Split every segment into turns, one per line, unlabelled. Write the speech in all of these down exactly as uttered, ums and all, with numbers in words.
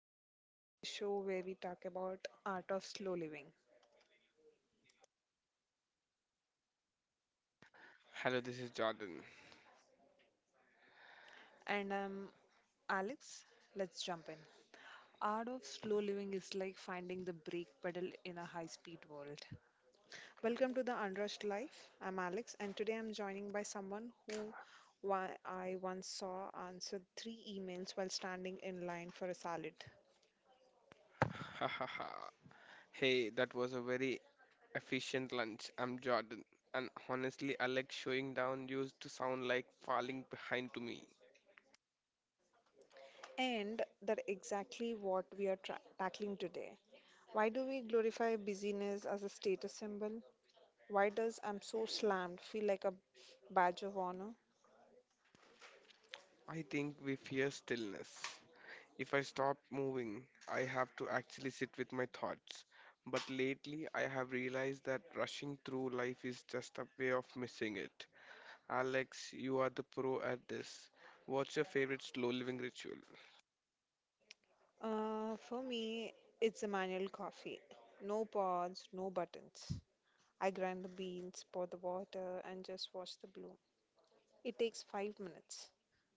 and Sam again, the show where we talk about art of slow living.
Hello, this is Jordan.
And I'm Alex. Let's jump in. Art of slow living is like finding the brake pedal in a high-speed world. Welcome to the Unrushed Life. I'm Alex, and today I'm joining by someone who wa- I once saw answer three emails while standing in line for a salad.
Ha ha ha. Hey, that was a very efficient lunch. I'm Jordan. And honestly, Alex, showing down used to sound like falling behind to me.
And that exactly what we are tra- tackling today. Why do we glorify busyness as a status symbol? Why does I'm so slammed feel like a badge of honor?
I think we fear stillness. If I stop moving, I have to actually sit with my thoughts. But lately, I have realized that rushing through life is just a way of missing it. Alex, you are the pro at this. What's your favorite slow living ritual?
Uh, for me, it's a manual coffee. No pods, no buttons. I grind the beans, pour the water, and just watch the bloom. It takes five minutes.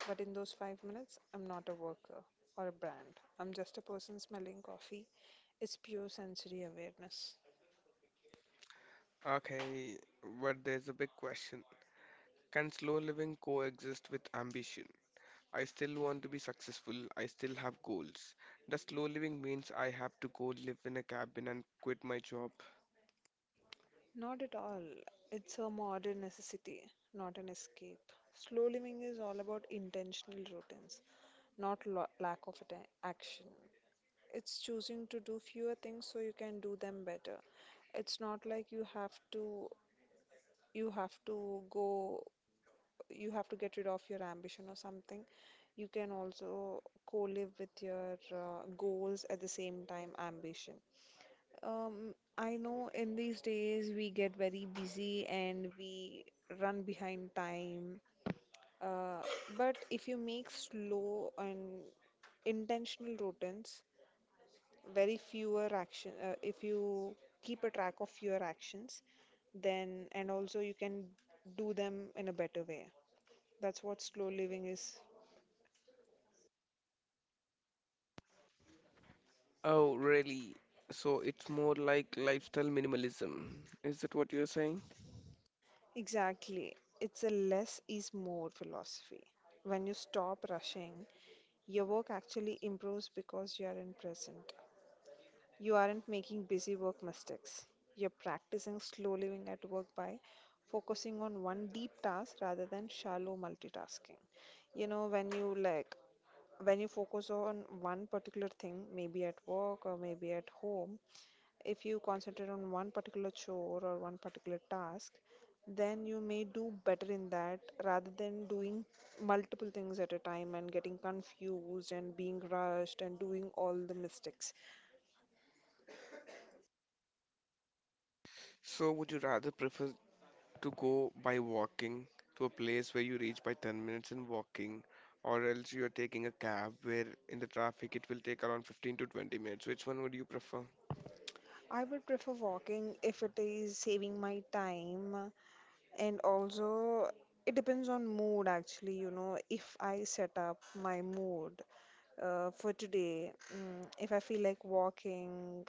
But in those five minutes, I'm not a worker or a brand. I'm just a person smelling coffee. It's pure sensory awareness.
Okay, but there's a big question. Can slow living coexist with ambition? I still want to be successful, I still have goals. Does slow living means I have to go live in a cabin and quit my job?
Not at all. It's a modern necessity, not an escape. Slow living is all about intentional routines, not lo- lack of atten- action. It's choosing to do fewer things so you can do them better. It's not like you have to you have to go you have to get rid of your ambition or something. You can also co-live with your uh, goals at the same time ambition. Um, I know in these days we get very busy and we run behind time. Uh, but if you make slow and intentional routines, very fewer action, uh, if you keep a track of your actions, then and also you can do them in a better way. That's what slow living is.
Oh, really? So it's more like lifestyle minimalism. Is that what you're saying?
Exactly. It's a less is more philosophy. When you stop rushing, your work actually improves because you are in present. You aren't making busy work mistakes. You're practicing slow living at work by focusing on one deep task rather than shallow multitasking. You know, when you like, when you focus on one particular thing, maybe at work or maybe at home, if you concentrate on one particular chore or one particular task, then you may do better in that rather than doing multiple things at a time and getting confused and being rushed and doing all the mistakes.
So would you rather prefer to go by walking to a place where you reach by ten minutes in walking, or else you're taking a cab where in the traffic it will take around fifteen to twenty minutes? Which one would you prefer?
I would prefer walking if it is saving my time. And also, it depends on mood actually, you know, if I set up my mood uh, for today, mm, if I feel like walking,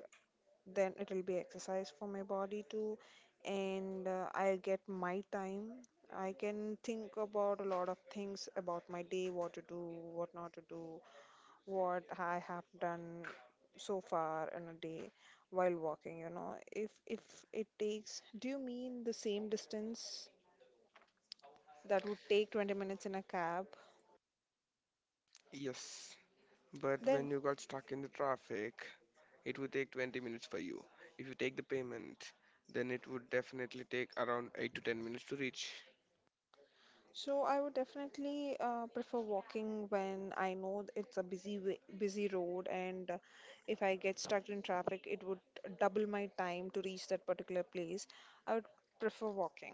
then it will be exercise for my body too, and uh, I'll get my time. I can think about a lot of things about my day, what to do, what not to do, what I have done so far in a day while walking, you know. If if it takes, do you mean the same distance that would take twenty minutes in a cab?
Yes. But when
Then,
you got stuck in the traffic, it would take twenty minutes for you. If you take the payment, then it would definitely take around eight to ten minutes to reach.
so I would definitely uh, prefer walking when I know it's a busy way, busy road, and uh, if I get stuck in traffic, it would double my time to reach that particular place. I would prefer walking.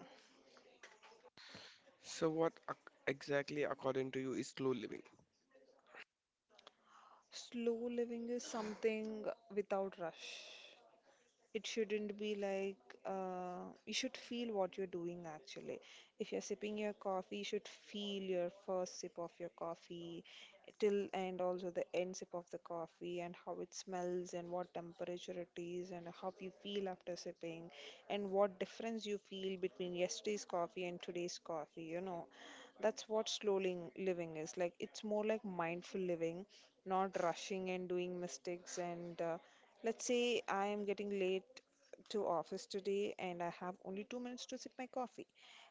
So, what ac- exactly, according to you, is slow living?
Slow living is something without rush. It shouldn't be like uh, you should feel what you're doing actually. If you're sipping your coffee, you should feel your first sip of your coffee till and also the end sip of the coffee and how it smells and what temperature it is and how you feel after sipping and what difference you feel between yesterday's coffee and today's coffee, you know. That's what slow ling- living is. Like it's more like mindful living, not rushing and doing mistakes and uh, let's say I am getting late to office today and I have only two minutes to sip my coffee.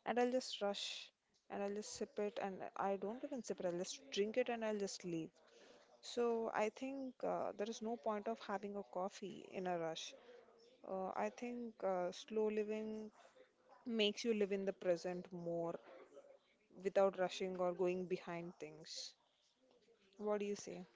And I'll just rush and I'll just sip it and I don't even sip it, I'll just drink it and I'll just leave. So I think uh, there is no point of having a coffee in a rush. Uh, I think uh, slow living makes you live in the present more without rushing or going behind things. What do you say?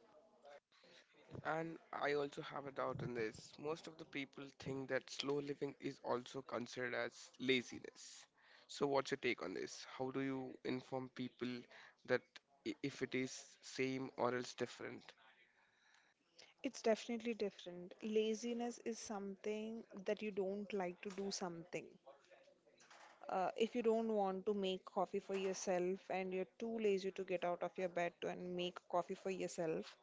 And I also have a doubt in this. Most of the people think that slow living is also considered as laziness. So, what's your take on this? How do you inform people that i- if it is same or else different?
It's definitely different. Laziness is something that you don't like to do something. Uh, if you don't want to make coffee for yourself and you're too lazy to get out of your bed to and make coffee for yourself,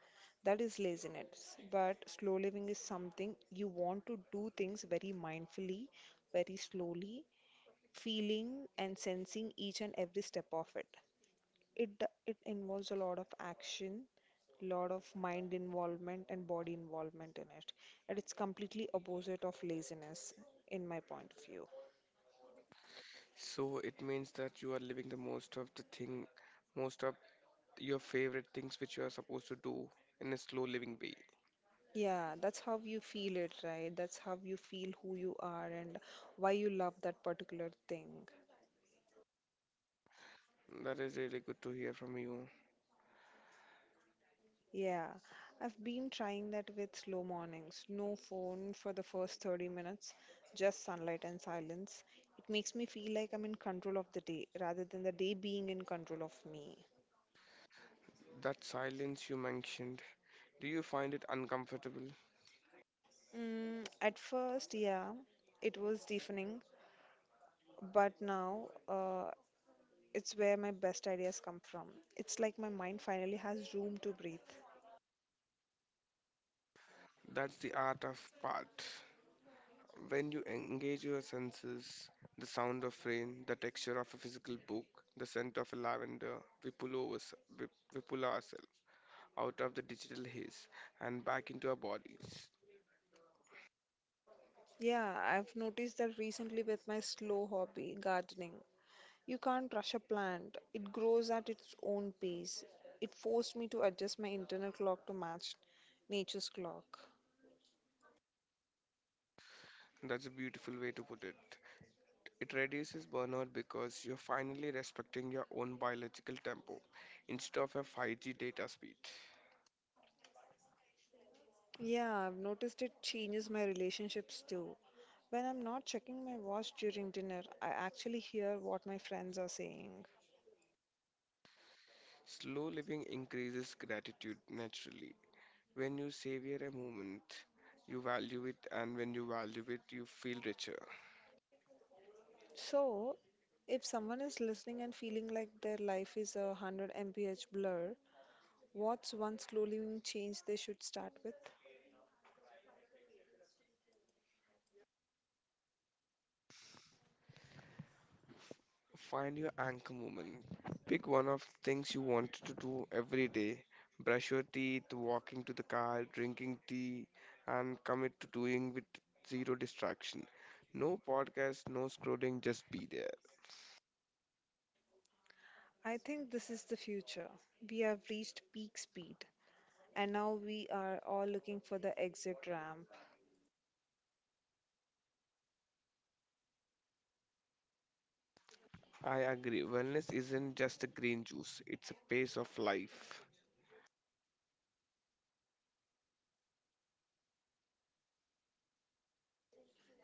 that is laziness. But slow living is something you want to do things very mindfully, very slowly, feeling and sensing each and every step of it. It d- it involves a lot of action, lot of mind involvement and body involvement in it. And it's completely opposite of laziness in my point of view.
So it means that you are living the most of the thing, most of your favorite things which you are supposed to do in a slow living way.
Yeah, that's how you feel it, right? That's how you feel who you are and why you love that particular thing.
That is really good to hear from you.
Yeah, I've been trying that with slow mornings. No phone for the first thirty minutes, just sunlight and silence. It makes me feel like I'm in control of the day rather than the day being in control of me.
That silence you mentioned, do you find it uncomfortable?
Mm, at first, yeah, it was deafening, but now uh, it's where my best ideas come from. It's like my mind finally has room to breathe.
That's the art of part. When you engage your senses, the sound of rain, the texture of a physical book, the scent of a lavender, we pull over, we, we pull ourselves out of the digital haze and back into our bodies.
Yeah, I've noticed that recently with my slow hobby, gardening. You can't rush a plant, it grows at its own pace. It forced me to adjust my internal clock to match nature's clock.
That's a beautiful way to put it. It reduces burnout because you're finally respecting your own biological tempo instead of a five G data speed.
Yeah, I've noticed it changes my relationships too. When I'm not checking my watch during dinner, I actually hear what my friends are saying.
Slow living increases gratitude naturally. When you savor a moment, you value it, and when you value it, you feel richer.
So, if someone is listening and feeling like their life is a one hundred miles per hour blur, what's one slow living change they should start with?
Find your anchor moment. Pick one of the things you want to do every day. Brush your teeth, walking to the car, drinking tea, and commit to doing with zero distraction. No podcast, no scrolling, just be there.
I think this is the future. We have reached peak speed, and now we are all looking for the exit ramp.
I agree. Wellness isn't just a green juice, it's a pace of life.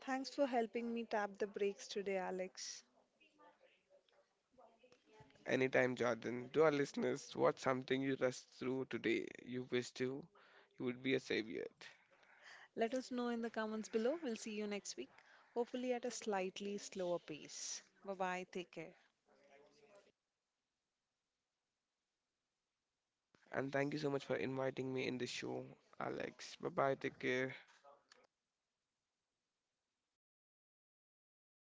Thanks for helping me tap the brakes today, Alex.
Anytime, Jordan. To our listeners, what's something you rushed through today? You wish to, you would be a savior.
Let us know in the comments below. We'll see you next week, hopefully at a slightly slower pace. Bye bye. Take care.
And thank you so much for inviting me in the show, Alex. Bye bye, take care.